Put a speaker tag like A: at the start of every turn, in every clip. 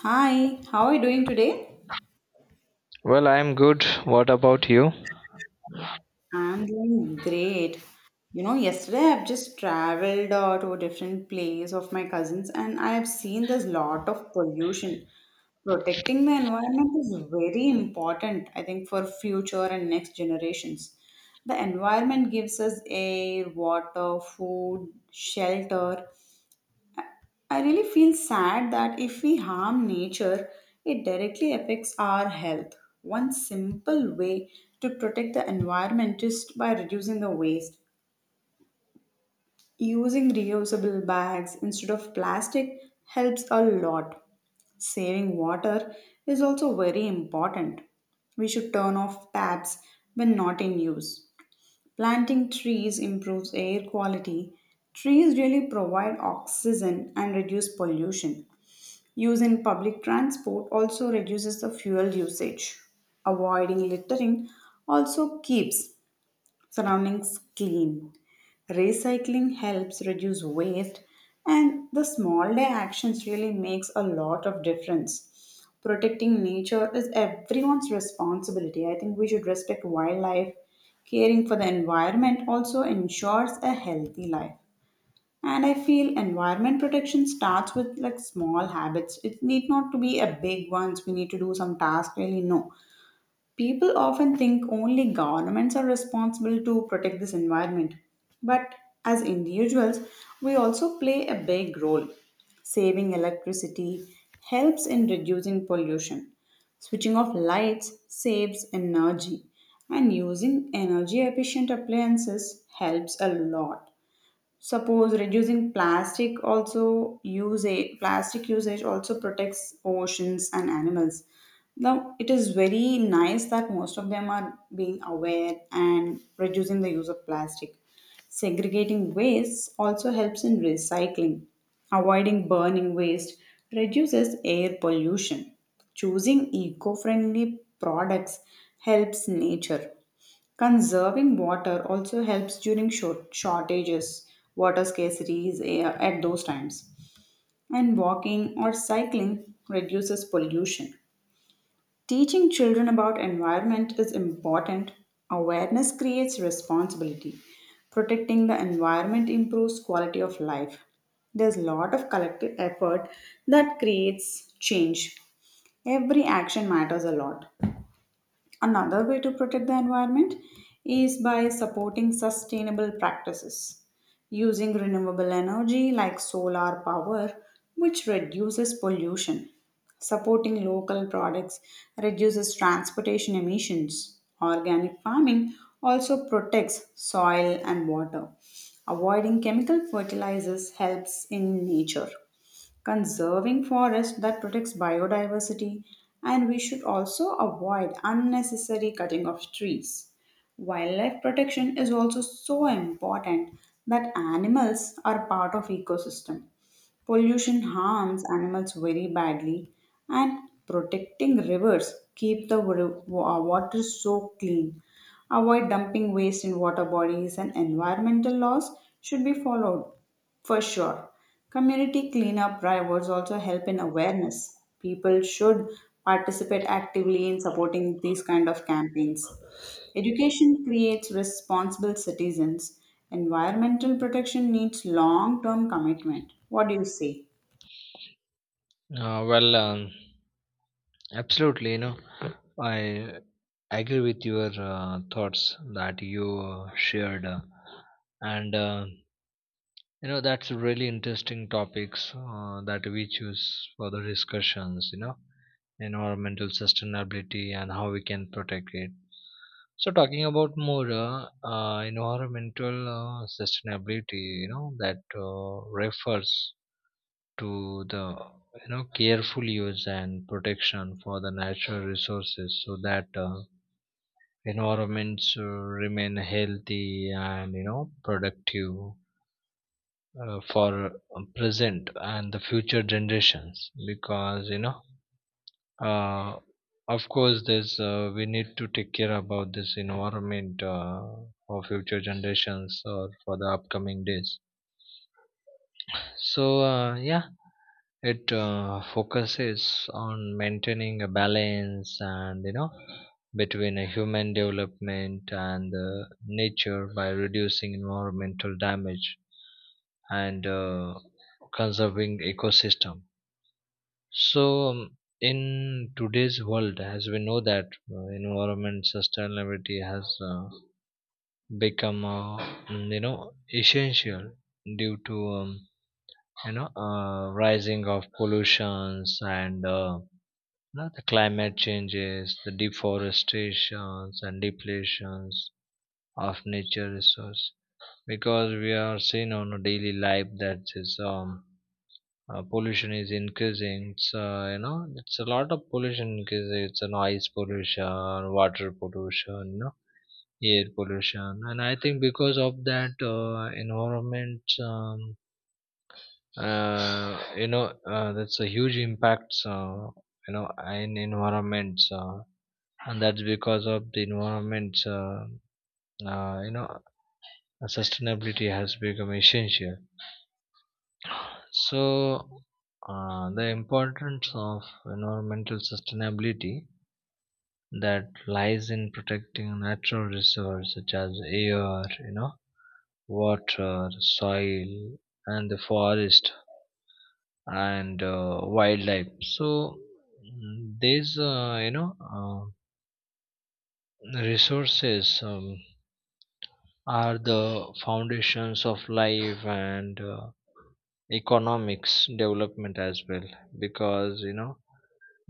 A: Hi, how are you doing today?
B: Well, I'm good. What about you?
A: I'm doing great. You know, yesterday I've just traveled to a different place of my cousins and I've seen there's lot of pollution. Protecting the environment is very important, I think, for future and next generations. The environment gives us air, water, food, shelter. I really feel sad that if we harm nature, it directly affects our health. One simple way to protect the environment is by reducing the waste. Using reusable bags instead of plastic helps a lot. Saving water is also very important. We should turn off taps when not in use. Planting trees improves air quality. Trees really provide oxygen and reduce pollution. Use in public transport also reduces the fuel usage. Avoiding littering also keeps surroundings clean. Recycling helps reduce waste, and the small day actions really makes a lot of difference. Protecting nature is everyone's responsibility. I think we should respect wildlife. Caring for the environment also ensures a healthy life, and I feel environment protection starts with like small habits. It need not to be a big ones. We need to do some task really, no. People often think only governments are responsible to protect this environment, but as individuals we also play a big role. Saving electricity helps in reducing pollution. Switching off lights saves energy, and using energy efficient appliances helps a lot. Suppose reducing plastic also use a plastic usage also protects oceans and animals. Now it is very nice that most of them are being aware and reducing the use of plastic. Segregating waste also helps in recycling. Avoiding burning waste reduces air pollution. Choosing eco friendly products helps nature. Conserving water also helps during shortages, water scarcity is at those times. And walking or cycling reduces pollution. Teaching children about environment is important. Awareness creates responsibility. Protecting the environment improves quality of life. There's a lot of collective effort that creates change. Every action matters a lot. Another way to protect the environment is by supporting sustainable practices, using renewable energy like solar power, which reduces pollution. Supporting local products reduces transportation emissions. Organic farming also protects soil and water. Avoiding chemical fertilizers helps in nature, conserving forest that protects biodiversity. And we should also avoid unnecessary cutting of trees. Wildlife protection is also so important, that animals are part of ecosystem. Pollution harms animals very badly, and protecting rivers keep the water so clean. Avoid dumping waste in water bodies, and environmental laws should be followed for sure. Community cleanup drivers also help in awareness. People should participate actively in supporting these kind of campaigns. Education creates responsible citizens. Environmental protection needs long-term commitment. What do you say?
B: Uh, well, um, absolutely. I agree with your thoughts that you shared, and you know that's really interesting topics that we choose for the discussions. Environmental sustainability and how we can protect it. So, talking about more environmental sustainability, that refers to the careful use and protection for the natural resources so that environments remain healthy and productive for present and the future generations because uh, of course there's we need to take care about this environment for future generations or for the upcoming days. So, yeah, it focuses on maintaining a balance and between a human development and nature by reducing environmental damage and conserving ecosystem. So, in today's world, as we know that environment sustainability has become essential due to um, rising of pollutions and you know, the climate changes, the deforestations and depletions of nature resource, because we are seeing on a daily life that is pollution is increasing. It's you know it's a lot of pollution, because it's a noise pollution, water pollution, air pollution. And I think because of that environment that's a huge impact in environments and that's because of the environments uh, you know sustainability has become essential. So the importance of environmental sustainability that lies in protecting natural resources such as air, water, soil, and the forest, and wildlife. So these resources are the foundations of life and economics development as well, because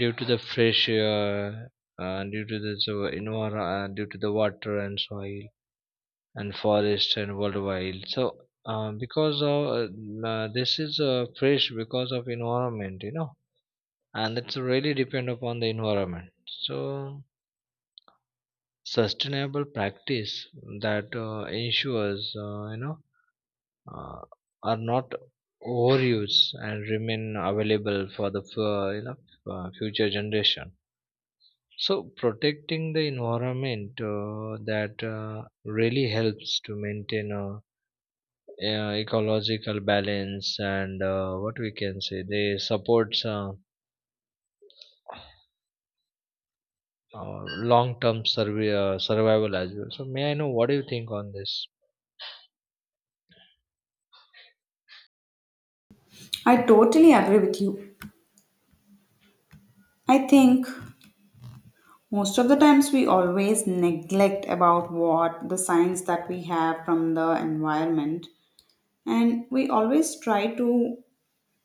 B: due to the fresh air, due to the so, you due to the water and soil and forest and worldwide. So because of this is fresh because of environment, and it's really depend upon the environment. So sustainable practice that ensures uh, are not overused and remain available for the future generation. So protecting the environment that really helps to maintain a, ecological balance and what we can say they supports uh, long-term survival as well. So may I know what do you think on this?
A: I totally agree with you. I think most of the times we always neglect about what the science that we have from the environment, and we always try to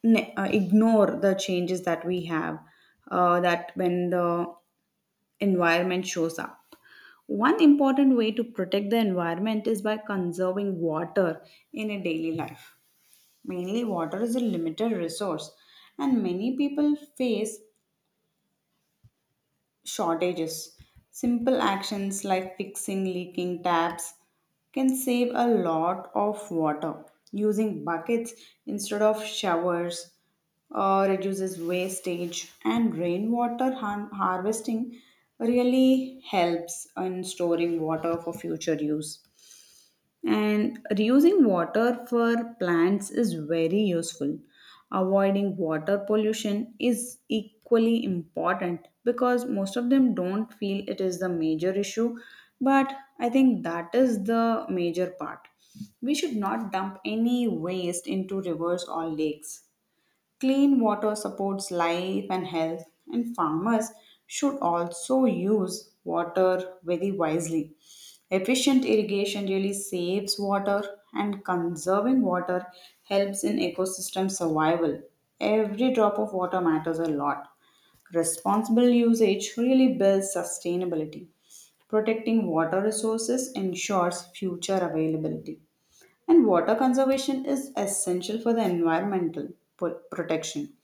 A: ignore the changes that we have, that when the environment shows up. One important way to protect the environment is by conserving water in a daily life. Mainly water is a limited resource, and many people face shortages. Simple actions like fixing leaking taps can save a lot of water. Using buckets instead of showers reduces wastage, and rainwater harvesting really helps in storing water for future use. And reusing water for plants is very useful. Avoiding water pollution is equally important, because most of them don't feel it is the major issue, but I think that is the major part. We should not dump any waste into rivers or lakes. Clean water supports life and health, and farmers should also use water very wisely. Efficient irrigation really saves water, and conserving water helps in ecosystem survival. Every drop of water matters a lot. Responsible usage really builds sustainability. Protecting water resources ensures future availability. And water conservation is essential for the environmental protection.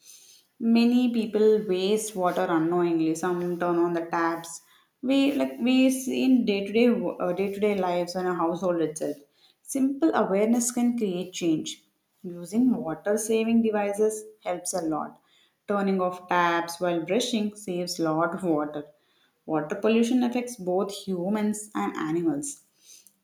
A: Many people waste water unknowingly. Some turn on the taps. We like we see in day to day lives and a household itself. Simple awareness can create change. Using water saving devices helps a lot. Turning off taps while brushing saves lot of water. Water pollution affects both humans and animals.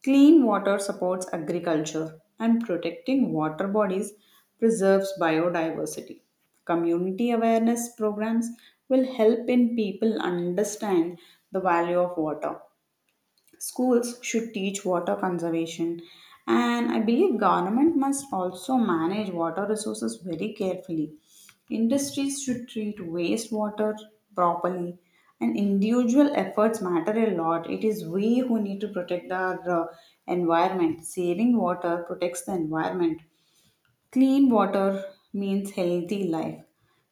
A: Clean water supports agriculture, and protecting water bodies preserves biodiversity. Community awareness programs will help in people understand the value of water. Schools should teach water conservation, and I believe government must also manage water resources very carefully. Industries should treat wastewater properly, and individual efforts matter a lot. It is we who need to protect our environment. Saving water protects the environment. Clean water means healthy life.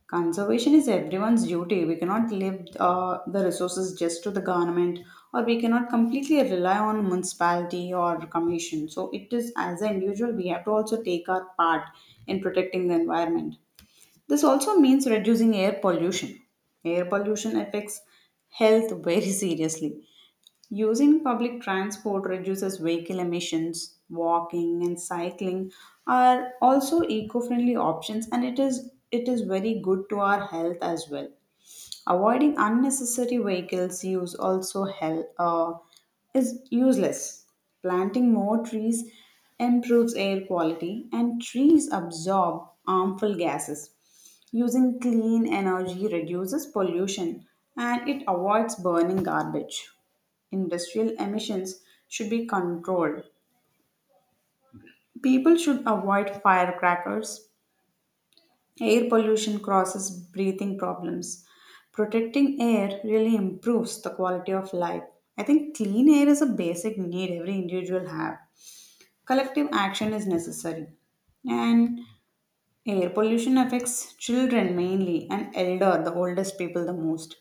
A: Conservation is everyone's duty. We cannot leave the resources just to the government, or we cannot completely rely on municipality or commission. So it is as an individual we have to also take our part in protecting the environment. This also means reducing air pollution. Air pollution affects health very seriously. Using public transport reduces vehicle emissions. Walking and cycling are also eco-friendly options, and it is very good to our health as well. Avoiding unnecessary vehicles use also help, is useless. Planting more trees improves air quality, and trees absorb harmful gases. Using clean energy reduces pollution, and it avoids burning garbage. Industrial emissions should be controlled. People should avoid firecrackers. Air pollution causes breathing problems. Protecting air really improves the quality of life. I think clean air is a basic need every individual have. Collective action is necessary. And air pollution affects children mainly and elder, the oldest people the most.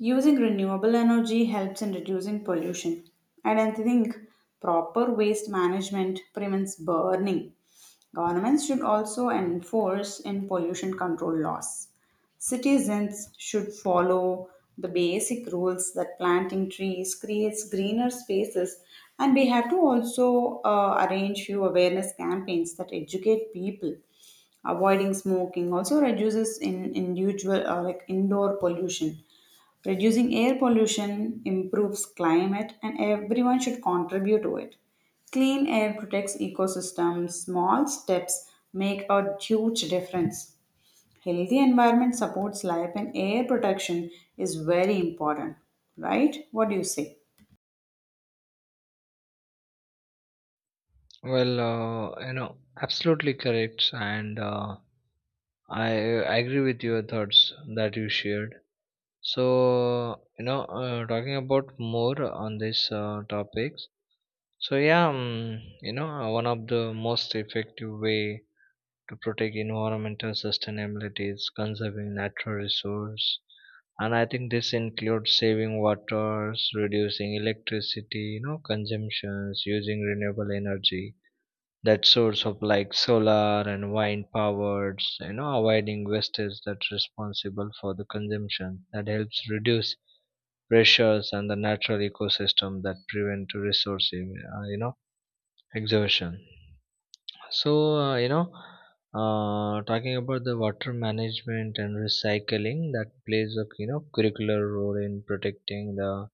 A: Using renewable energy helps in reducing pollution. And I think proper waste management prevents burning. Governments should also enforce in pollution control laws. Citizens should follow the basic rules, that planting trees creates greener spaces. And we have to also arrange few awareness campaigns that educate people. Avoiding smoking also reduces in individual, like indoor pollution. Reducing air pollution improves climate, and everyone should contribute to it. Clean air protects ecosystems. Small steps make a huge difference. Healthy environment supports life, and air protection is very important. Right? What do you say?
B: Well, absolutely correct, and I agree with your thoughts that you shared. So talking about more on this topics. So yeah, one of the most effective way to protect environmental sustainability is conserving natural resource. And I think this includes saving waters, reducing electricity consumptions, using renewable energy, that source of like solar and wind powered, avoiding wastage that's responsible for the consumption that helps reduce pressures on the natural ecosystem, that prevent resource exhaustion. So, talking about the water management and recycling that plays a curricular role in protecting the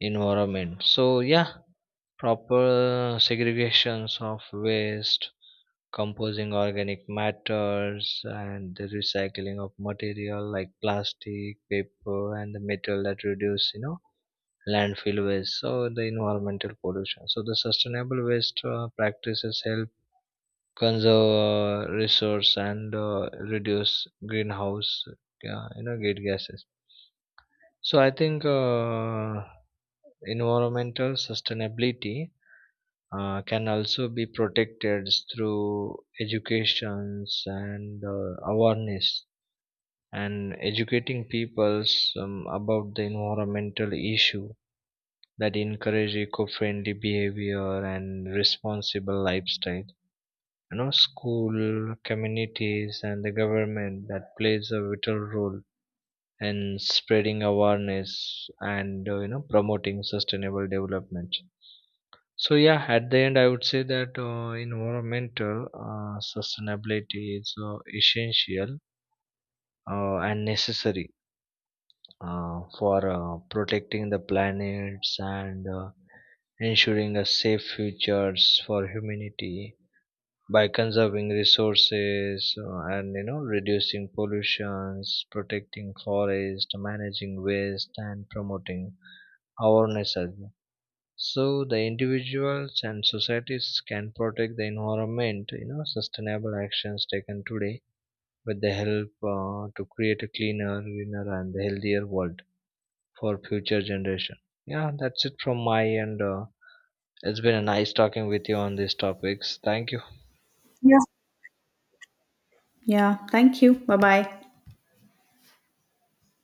B: environment. So, yeah, proper segregations of waste, composing organic matters, and the recycling of material like plastic, paper, and the metal that reduce landfill waste. So, the environmental pollution. So, the sustainable waste practices help conserve resource and reduce greenhouse gate gases. So I think environmental sustainability can also be protected through educations and awareness, and educating peoples about the environmental issue that encourage eco-friendly behavior and responsible lifestyle. School communities and the government that plays a vital role in spreading awareness and promoting sustainable development. So yeah, at the end I would say that environmental sustainability is essential and necessary for protecting the planets and ensuring a safe futures for humanity by conserving resources, and reducing pollutions, protecting forest, managing waste, and promoting awareness as well. So the individuals and societies can protect the environment. Sustainable actions taken today with the help to create a cleaner, greener, and healthier world for future generation. Yeah, that's it from my end. It's been a nice talking with you on these topics. Thank you.
A: Yeah. Yeah, thank you. Bye bye.